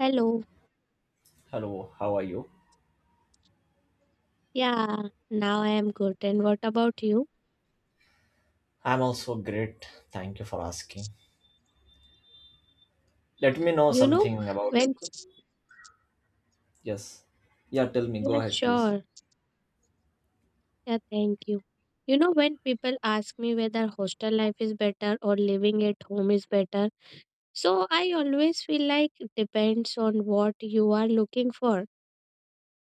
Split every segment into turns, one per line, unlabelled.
Hello.
Hello, how are you?
Yeah, now I am good. And what about you?
I'm also great. Thank you for asking. Let me know
You know,
something about.
when,
Yes. Yeah, tell me.
yeah,
Go ahead, please.
sure. Yeah, thank you. You know, when people ask me whether hostel life is better or living at home is better, so I always feel like it depends on what you are looking for.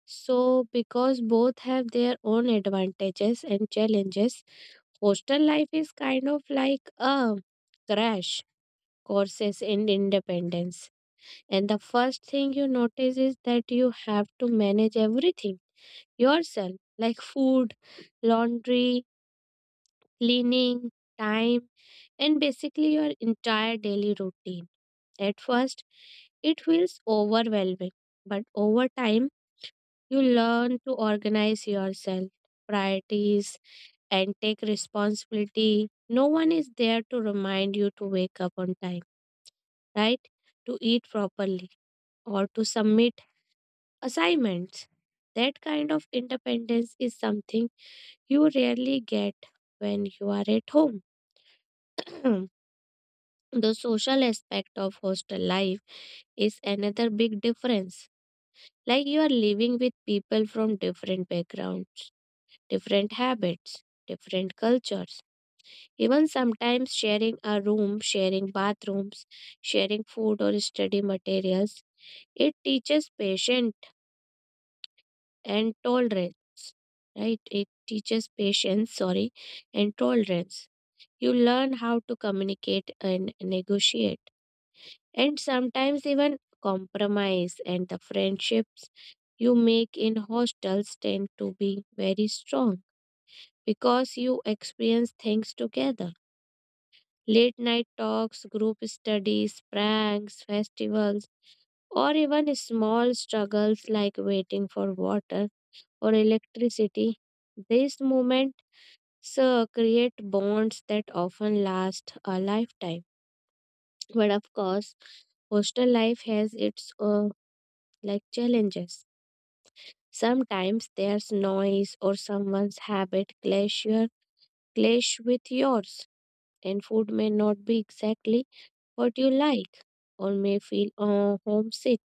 So, because both have their own advantages and challenges, hostel life is kind of like a crash courses in independence. And the first thing you notice is that you have to manage everything yourself, like food, laundry, cleaning, time, and basically your entire daily routine. At first, it feels overwhelming, but over time, you learn to organize yourself, priorities, and take responsibility. No one is there to remind you to wake up on time, right? To eat properly or to submit assignments. That kind of independence is something you rarely get when you are at home. The social aspect of hostel life is another big difference. Like you are living with people from different backgrounds, different habits, different cultures. Even sometimes sharing a room, sharing bathrooms, sharing food or study materials. It teaches patience and tolerance, right? It teaches patience, sorry, and tolerance. You learn how to communicate and negotiate, and sometimes even compromise. And the friendships you make in hostels tend to be very strong because you experience things together. Late night talks, group studies, pranks, festivals, or even small struggles like waiting for water or electricity. These moments create bonds that often last a lifetime. But of course, hostel life has its like challenges. Sometimes there's noise or someone's habit clash with yours, and food may not be exactly what you like or may feel homesick,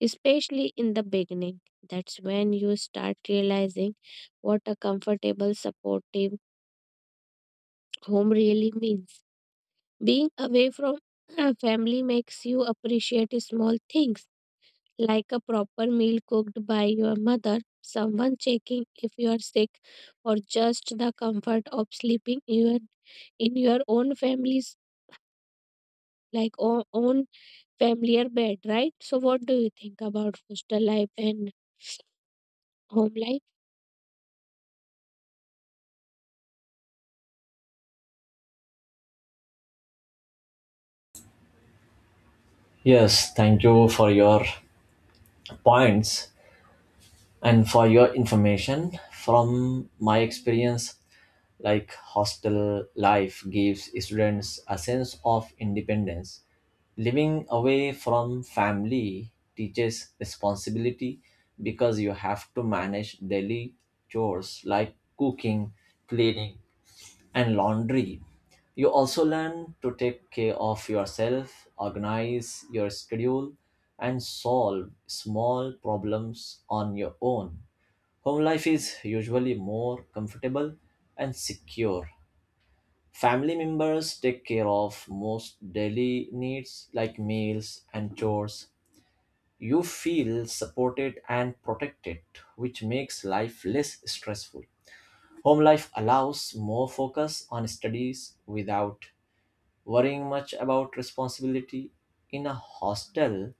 especially in the beginning. That's when you start realizing what a comfortable, supportive home really means. Being away from family makes you appreciate small things like a proper meal cooked by your mother, someone checking if you are sick, or just the comfort of sleeping your in your own own familiar bed, right? So, what do you think about foster life and home life?
Yes, thank you for your points and for your information. From my experience, like hostel life gives students a sense of independence. Living away from family teaches responsibility because you have to manage daily chores like cooking, cleaning, and laundry. You also learn to take care of yourself, organize your schedule, and solve small problems on your own. Home life is usually more comfortable and secure. Family members take care of most daily needs like meals and chores. You feel supported and protected, which makes life less stressful. Home life allows more focus on studies without worrying much about responsibility. In a hostel,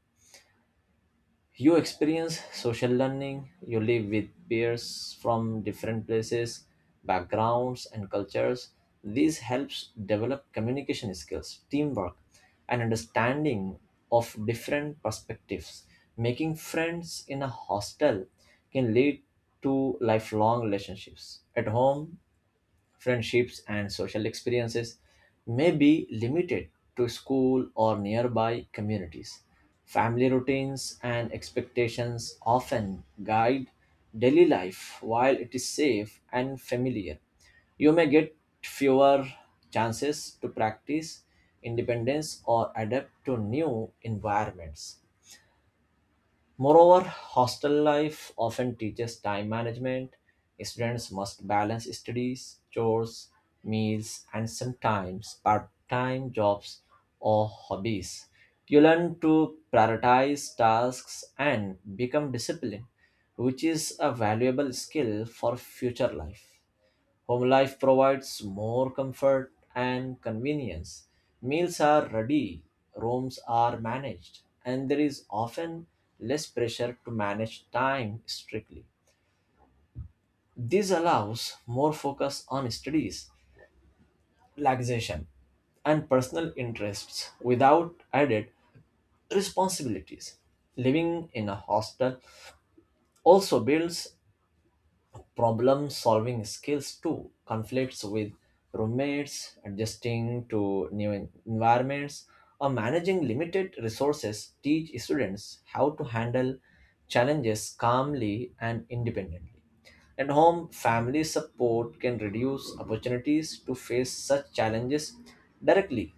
you experience social learning, you live with peers from different places, backgrounds, and cultures. This helps develop communication skills, teamwork, and understanding of different perspectives. Making friends in a hostel can lead to lifelong relationships. At home, friendships, and social experiences may be limited to school or nearby communities. Family routines and expectations often guide daily life while it is safe and familiar. You may get fewer chances to practice independence or adapt to new environments. Moreover, hostel life often teaches time management. Students must balance studies, chores, meals, and sometimes part time jobs or hobbies. You learn to prioritize tasks and become disciplined, which is a valuable skill for future life. Home life provides more comfort and convenience. Meals are ready, rooms are managed, and there is often less pressure to manage time strictly. This allows more focus on studies, relaxation, and personal interests without added responsibilities. Living in a hostel also builds problem solving skills too. Conflicts with roommates, adjusting to new environments, or managing limited resources teach students how to handle challenges calmly and independently. At home, family support can reduce opportunities to face such challenges directly.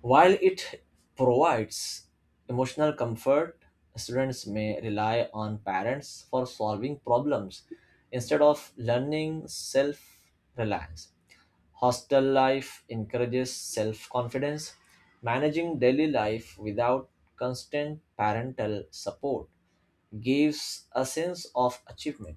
While it provides emotional comfort, students may rely on parents for solving problems instead of learning self reliance. Hostel life encourages self confidence. Managing daily life without constant parental support gives a sense of achievement.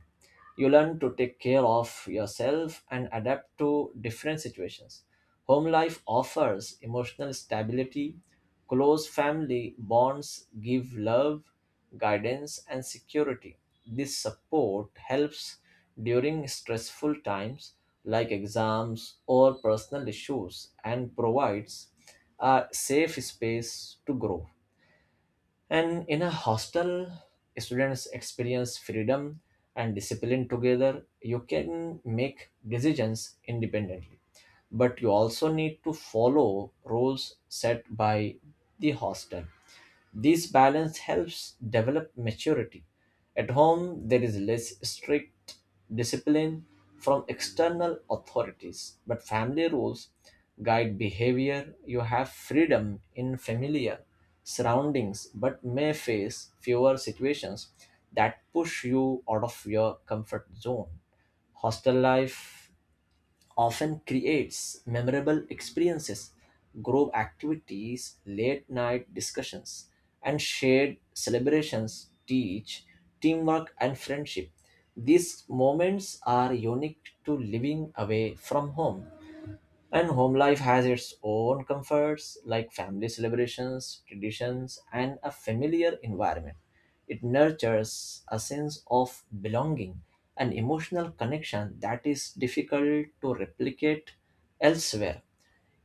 You learn to take care of yourself and adapt to different situations. Home life offers emotional stability. Close family bonds give love, guidance, and security. This support helps during stressful times like exams or personal issues and provides a safe space to grow. And in a hostel, students experience freedom and discipline together. You can make decisions independently, but you also need to follow rules set by the hostel. This balance helps develop maturity. At home, there is less strict discipline from external authorities, but family rules guide behavior. You have freedom in familiar surroundings, but may face fewer situations that push you out of your comfort zone. Hostel life often creates memorable experiences. Group activities, late night discussions, and shared celebrations teach teamwork and friendship. These moments are unique to living away from home, and home life has its own comforts like family celebrations, traditions, and a familiar environment. It nurtures a sense of belonging, an emotional connection that is difficult to replicate elsewhere.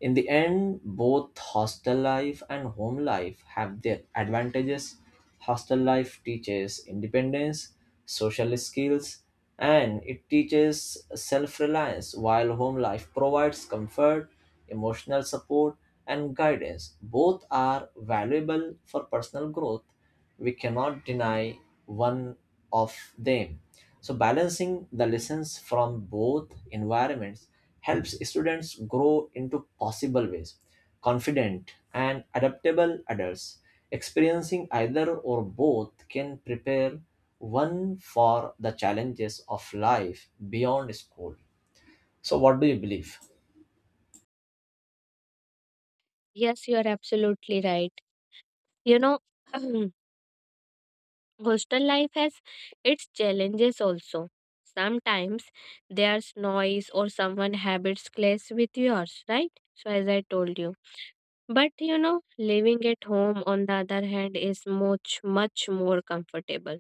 In the end, both hostel life and home life have their advantages. Hostel life teaches independence, social skills, and it teaches self reliance, while home life provides comfort, emotional support, and guidance. Both are valuable for personal growth. We cannot deny one of them. So balancing the lessons from both environments helps students grow into possible ways, confident and adaptable adults. Experiencing either or both can prepare one for the challenges of life beyond school. So what do you believe?
Yes, you are absolutely right. You know, hostel life has its challenges also. Sometimes there's noise or someone habits clash with yours, right? So as I told you. But you know, living at home on the other hand is much more comfortable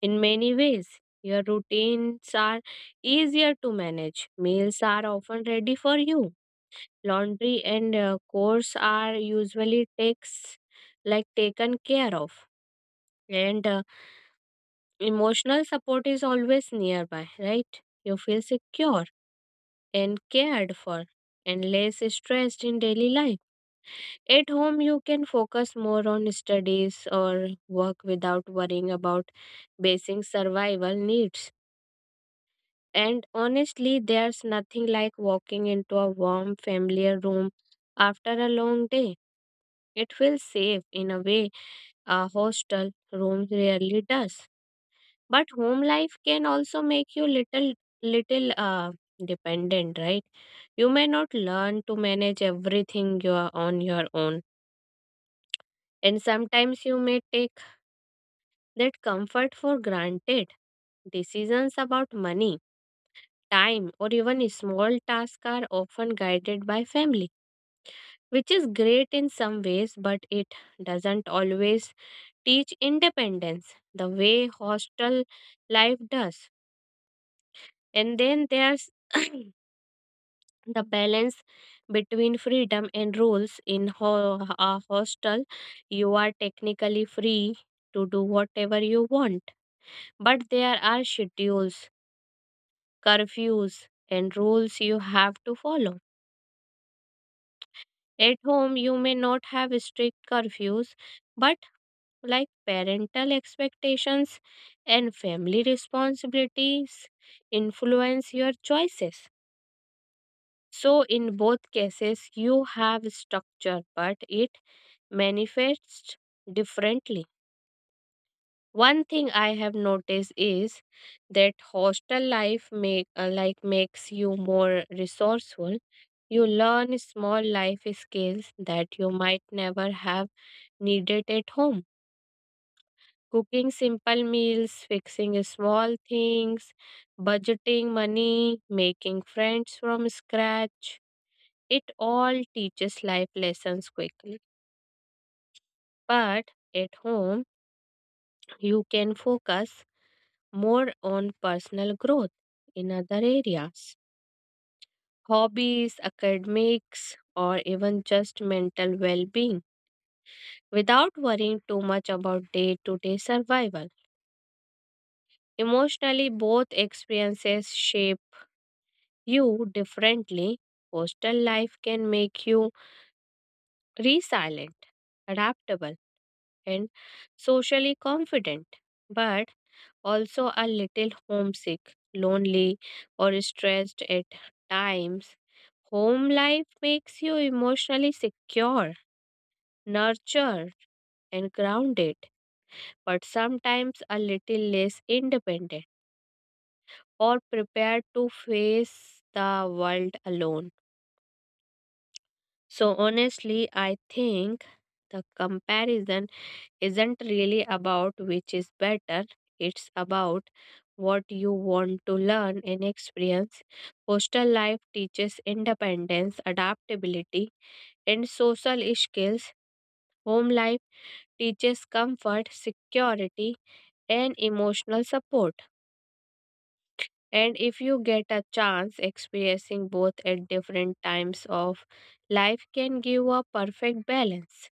in many ways. Your routines are easier to manage. Meals are often ready for you. Laundry and chores are usually takes like taken care of. And emotional support is always nearby, right? You feel secure and cared for and less stressed in daily life. At home, you can focus more on studies or work without worrying about basic survival needs. And honestly, there's nothing like walking into a warm, familiar room after a long day. It feels safe in a way a hostel room rarely does. But home life can also make you little dependent, right? You may not learn to manage everything you are on your own. And sometimes you may take that comfort for granted. Decisions about money, time, or even small tasks are often guided by family, which is great in some ways, but it doesn't always teach independence the way hostel life does. And then there's the balance between freedom and rules in a hostel. You are technically free to do whatever you want, but there are schedules, curfews, and rules you have to follow. At home, you may not have strict curfews, but like parental expectations and family responsibilities influence your choices. So, in both cases, you have structure, but it manifests differently. One thing I have noticed is that hostel life makes you more resourceful. You learn small life skills that you might never have needed at home. Cooking simple meals, fixing small things, budgeting money, making friends from scratch. It all teaches life lessons quickly. But at home, you can focus more on personal growth in other areas, hobbies, academics, or even just mental well being, without worrying too much about day to day survival. Emotionally, both experiences shape you differently. Hostel life can make you resilient, adaptable, and socially confident, but also a little homesick, lonely, or stressed at times. Home life makes you emotionally secure, nurtured, and grounded, but sometimes a little less independent or prepared to face the world alone. So, honestly, I think the comparison isn't really about which is better, it's about what you want to learn and experience. Hostel life teaches independence, adaptability, and social skills. Home life teaches comfort, security, and emotional support. And if you get a chance, experiencing both at different times of life can give a perfect balance.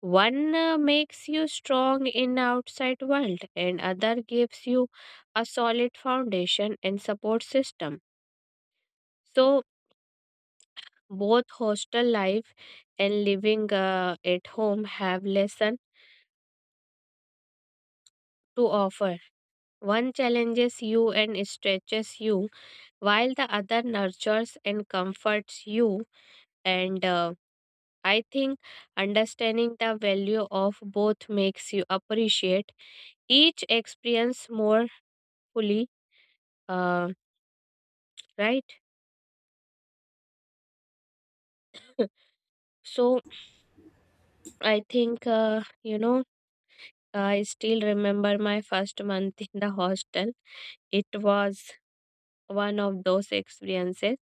One makes you strong in outside world and other gives you a solid foundation and support system. So both hostel life and living at home have lesson to offer. One challenges you and stretches you while the other nurtures and comforts you, and I think understanding the value of both makes you appreciate each experience more fully. Um, right? So I think, you know, I still remember my first month in the hostel. It was one of those experiences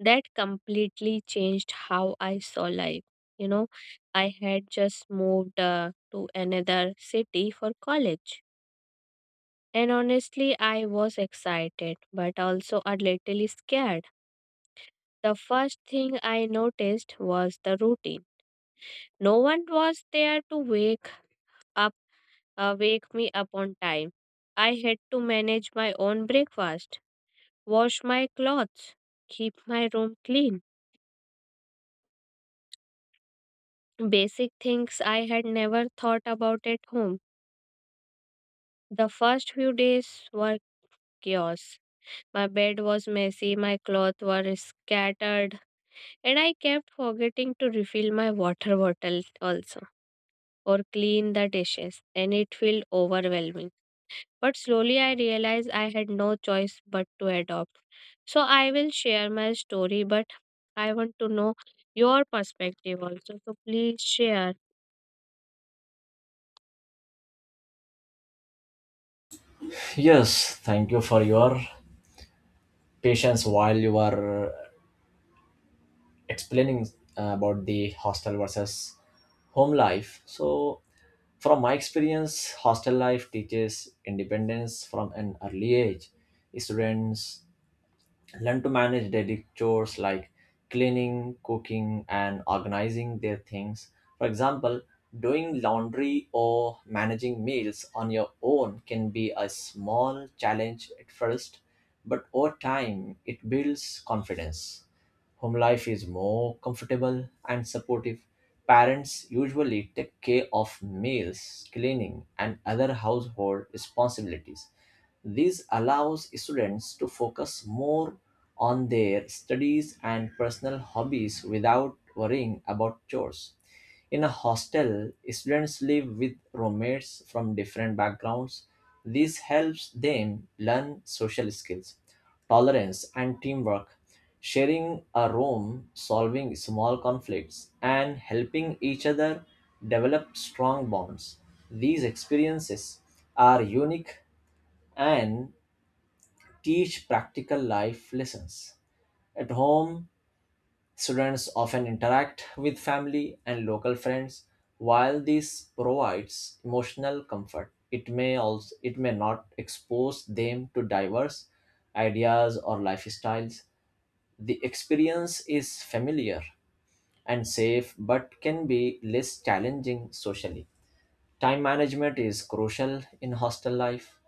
that completely changed how I saw life. You know, I had just moved to another city for college. And honestly, I was excited, but also a little scared. The first thing I noticed was the routine. No one was there to up wake me up on time. I had to manage my own breakfast, wash my clothes, keep my room clean. Basic things I had never thought about at home. The first few days were chaos. My bed was messy, my clothes were scattered, and I kept forgetting to refill my water bottle also or clean the dishes, and it felt overwhelming. But slowly I realized I had no choice but to adopt. So I will share my story, but I want to know your perspective also. So please share.
Yes, thank you for your patience while you are explaining about the hostel versus home life. So, from my experience, hostel life teaches independence from an early age. Students learn to manage daily chores like cleaning, cooking, and organizing their things. For example, doing laundry or managing meals on your own can be a small challenge at first, but over time it builds confidence. Home life is more comfortable and supportive. Parents usually take care of meals, cleaning, and other household responsibilities. This allows students to focus more on their studies and personal hobbies without worrying about chores. In a hostel, students live with roommates from different backgrounds. This helps them learn social skills, tolerance and teamwork. Sharing a room, solving small conflicts, and helping each other develop strong bonds. These experiences are unique and teach practical life lessons. At home, students often interact with family and local friends. While this provides emotional comfort, it may not expose them to diverse ideas or lifestyles. The experience is familiar and safe, but can be less challenging socially. Time management is crucial in hostel life.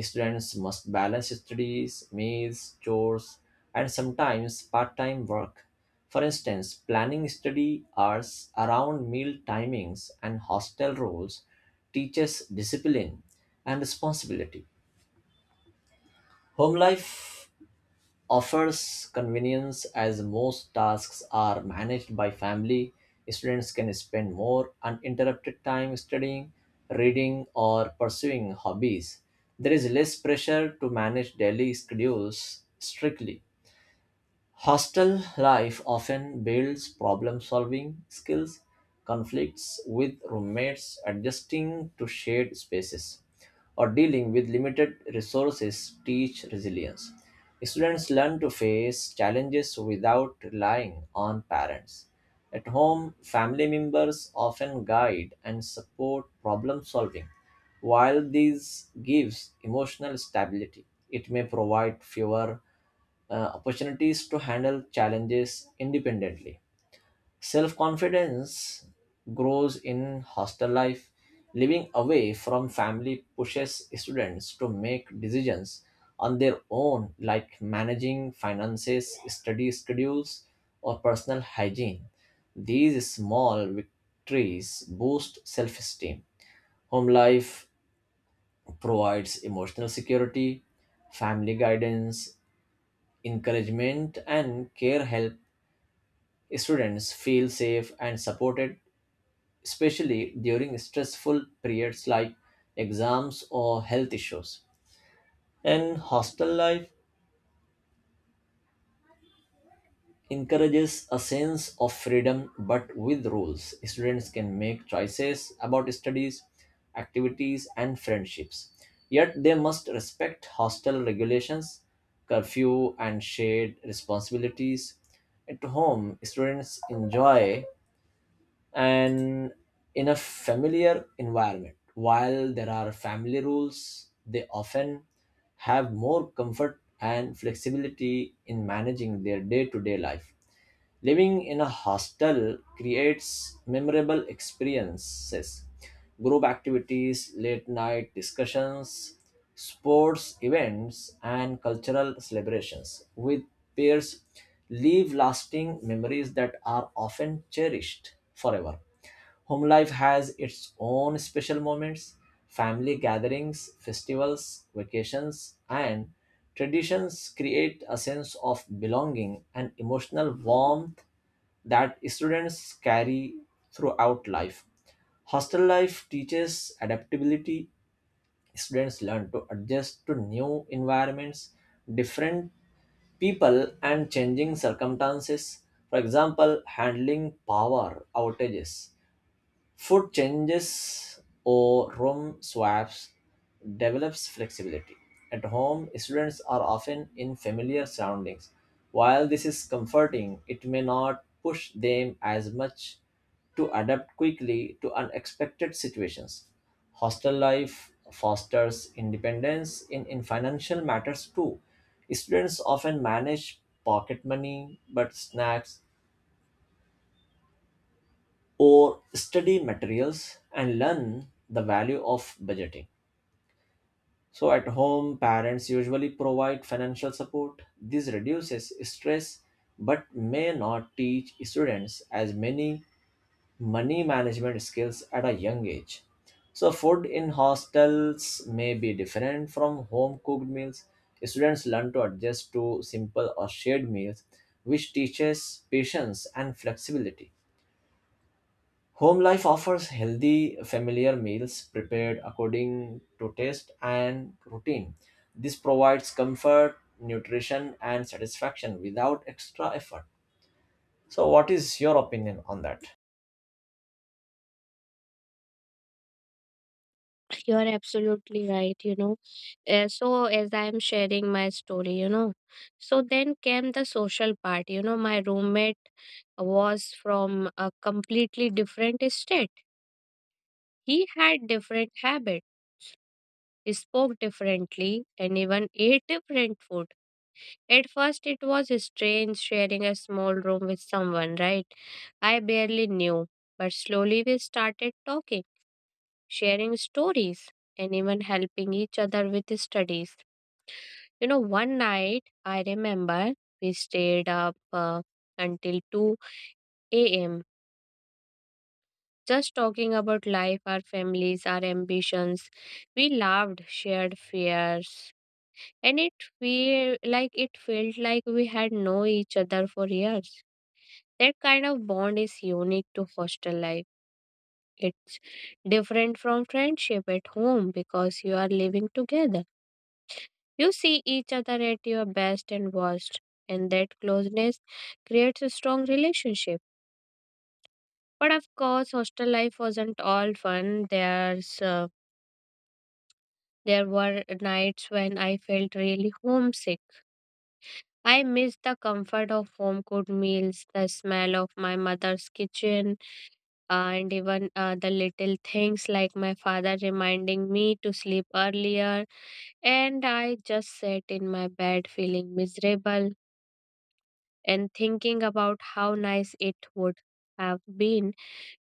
Students must balance studies, meals, chores, and sometimes part time work. For instance, planning study hours around meal timings and hostel rules teaches discipline and responsibility. Home life offers convenience as most tasks are managed by family. Students can spend more uninterrupted time studying, reading, or pursuing hobbies. There is less pressure to manage daily schedules strictly. Hostel life often builds problem solving skills. Conflicts with roommates, adjusting to shared spaces, or dealing with limited resources teach resilience. Students learn to face challenges without relying on parents. At home, family members often guide and support problem solving. While this gives emotional stability, it may provide fewer opportunities to handle challenges independently. Self confidence grows in hostel life. Living away from family pushes students to make decisions on their own, like managing finances, study schedules, or personal hygiene. These small victories boost self esteem. Home life provides emotional security. Family guidance, encouragement, and care help students feel safe and supported, especially during stressful periods like exams or health issues. And hostel life encourages a sense of freedom but with rules. Students can make choices about studies, activities, and friendships. Yet they must respect hostel regulations, curfew, and shared responsibilities. At home, students enjoy and in a familiar environment. While there are family rules, they often have more comfort and flexibility in managing their day to day life. Living in a hostel creates memorable experiences. Group activities, late night discussions, sports events, and cultural celebrations with peers leave lasting memories that are often cherished forever. Home life has its own special moments. Family gatherings, festivals, vacations, and traditions create a sense of belonging and emotional warmth that students carry throughout life. Hostel life teaches adaptability. Students learn to adjust to new environments, different people, and changing circumstances. For example, handling power outages, food changes or room swaps develops flexibility. At home, students are often in familiar surroundings. While this is comforting, it may not push them as much to adapt quickly to unexpected situations. Hostel life fosters independence in, financial matters too. Students often manage pocket money, but snacks or study materials, and learn the value of budgeting. So, at home, parents usually provide financial support. This reduces stress but may not teach students as many money management skills at a young age. So, food in hostels may be different from home cooked meals. Students learn to adjust to simple or shared meals, which teaches patience and flexibility. Home life offers healthy, familiar meals prepared according to taste and routine. This provides comfort, nutrition, and satisfaction without extra effort. So, what is your opinion on that?
You're absolutely right, you know. So as I am sharing my story, you know. So then came the social part, you know. My roommate was from a completely different state. He had different habit, spoke differently, and even ate different food. At first, it was strange sharing a small room with someone, right? I barely knew. But slowly we started talking, sharing stories, and even helping each other with studies. You know, one night, I remember we stayed up until 2 a.m. Just talking about life, our families, our ambitions. We laughed, shared fears, and it felt like we had known each other for years. That kind of bond is unique to hostel life. It's different from friendship at home because you are living together. You see each other at your best and worst, and that closeness creates a strong relationship. But of course, hostel life wasn't all fun. There were nights when I felt really homesick. I missed the comfort of home cooked meals, the smell of my mother's kitchen, and even the little things like my father reminding me to sleep earlier. And I just sat in my bed feeling miserable and thinking about how nice it would have been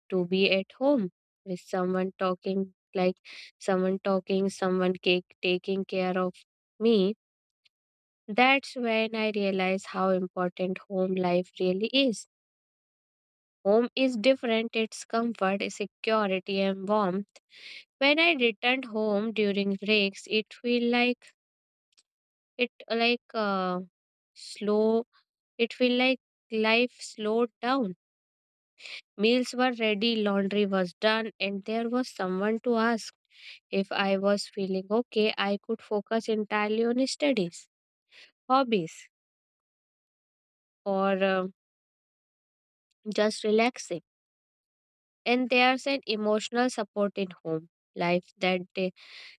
to be at home with someone talking, taking care of me. That's when I realized how important home life really is. Home is different, it's comfort, security, and warmth. When I returned home during breaks, it feel like it like slow. It feel like life slowed down. Meals were ready, laundry was done, and there was someone to ask if I was feeling okay. I could focus entirely on studies, hobbies, or just relaxing. And there's an emotional support in home life that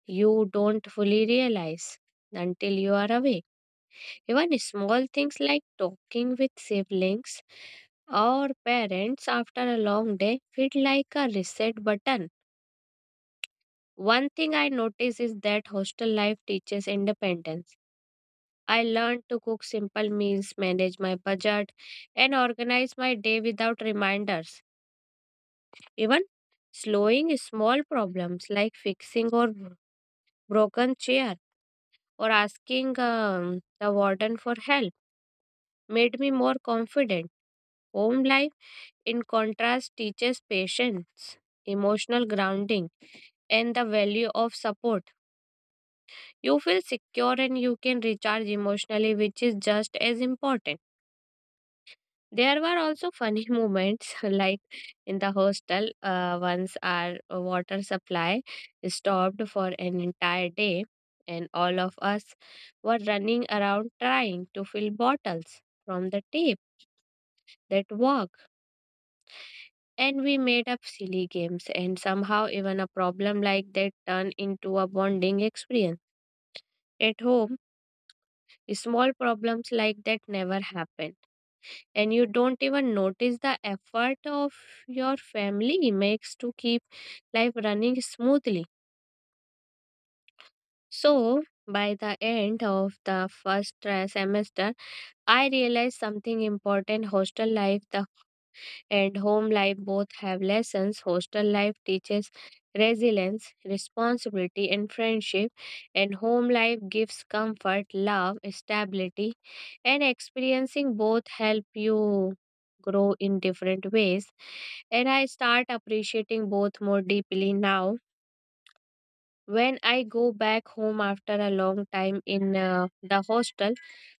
you don't fully realize until you are away. Even small things like talking with siblings or parents after a long day feel like a reset button. One thing I notice is that hostel life teaches independence. I learned to cook simple meals, manage my budget, and organize my day without reminders. Even slowing small problems like fixing or broken chair or asking the warden for help made me more confident. Home life, in contrast, teaches patience, emotional grounding, and the value of support. You feel secure and you can recharge emotionally, which is just as important. There were also funny moments like in the hostel. Once our water supply stopped for an entire day, and all of us were running around trying to fill bottles from the tape that worked. And we made up silly games, and somehow even a problem like that turned into a bonding experience. At home, small problems like that never happen, and you don't even notice the effort of your family makes to keep life running smoothly. So, by the end of the first semester, I realized something important. Hostel life The and home life both have lessons. Hostel life teaches resilience, responsibility, and friendship, and home life gives comfort, love, stability, and experiencing both help you grow in different ways. And I start appreciating both more deeply now. When I go back home after a long time in the hostel,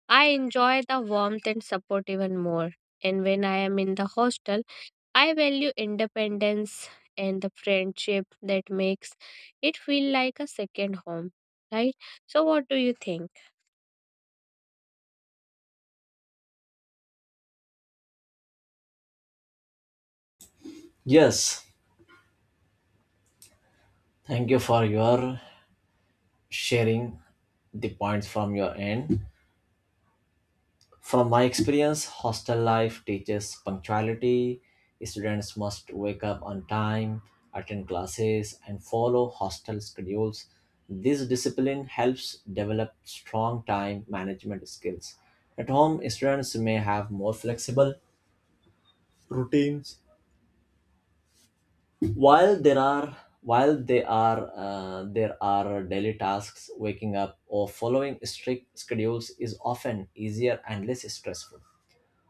I enjoy the warmth and support even more. And when I am in the hostel, I value independence and the friendship that makes it feel like a second home, right? So, what do you think?
Yes, thank you for your sharing the points from your end. From my experience, hostel life teaches punctuality. Students must wake up on time, attend classes, and follow hostel schedules. This discipline helps develop strong time management skills. At home, students may have more flexible routines. While there are while they are there are daily tasks, waking up or following strict schedules is often easier and less stressful.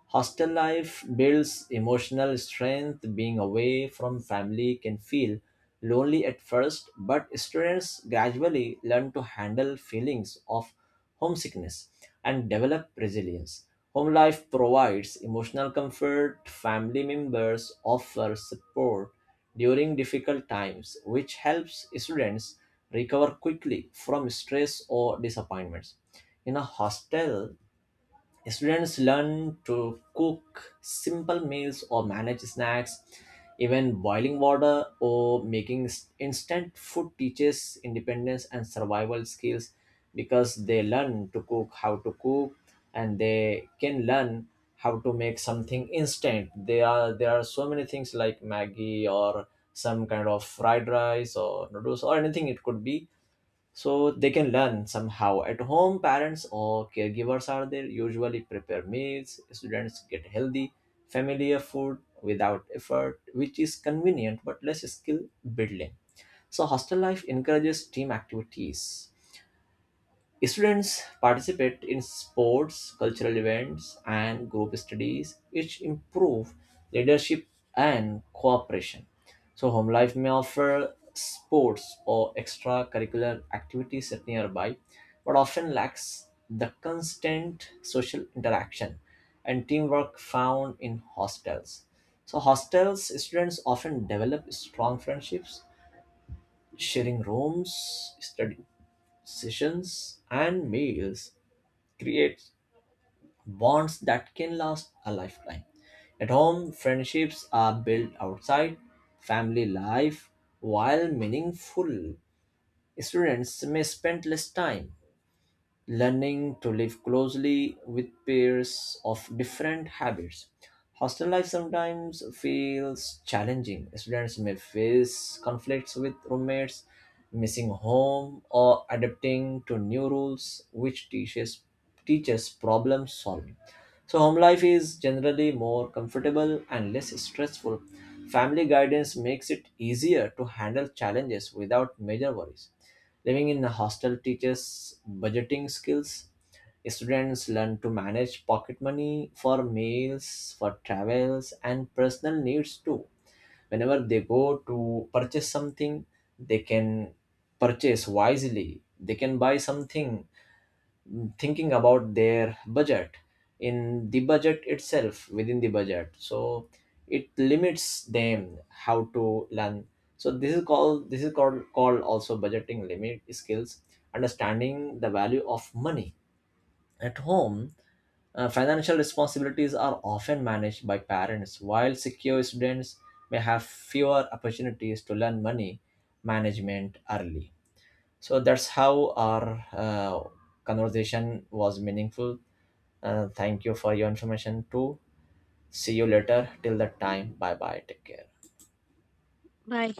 Hostel life builds emotional strength. Being away from family can feel lonely at first, but students gradually learn to handle feelings of homesickness and develop resilience. Home life provides emotional comfort. Family members offer support during difficult times, which helps students recover quickly from stress or disappointments. In a hostel, students learn to cook simple meals or manage snacks. Even boiling water or making instant food teaches independence and survival skills, because they learn to cook, how to cook, and they can learn how to make something instant. There are so many things like Maggie or some kind of fried rice or noodles or anything it could be, so they can learn somehow. At home, parents or caregivers are there, usually prepare meals. Students get healthy familiar food without effort, which is convenient but less skill building. So hostel life encourages team activities. Students participate in sports, cultural events, and group studies, which improve leadership and cooperation. So, home life may offer sports or extracurricular activities at nearby, but often lacks the constant social interaction and teamwork found in hostels. So, hostels students often develop strong friendships. Sharing rooms, study sessions, and meals creates bonds that can last a lifetime. At home, friendships are built outside family life, while meaningful, students may spend less time learning to live closely with peers of different habits. Hostel life sometimes feels challenging. Students may face conflicts with roommates, missing home, or adapting to new rules, which teaches problem solving. So home life is generally more comfortable and less stressful. Family guidance makes it easier to handle challenges without major worries. Living in a hostel teaches budgeting skills. Students learn to manage pocket money for meals, for travels, and personal needs too. Whenever they go to purchase something, they can purchase wisely. They can buy something thinking about their budget, in the budget itself, within the budget, so it limits them how to learn. So this is called, this is called also budgeting limit skills, understanding the value of money. At home, financial responsibilities are often managed by parents, while secure, students may have fewer opportunities to learn money management early. So that's how our conversation was meaningful. Thank you for your information too. See you later. Till that time, bye bye. Take care.
Bye.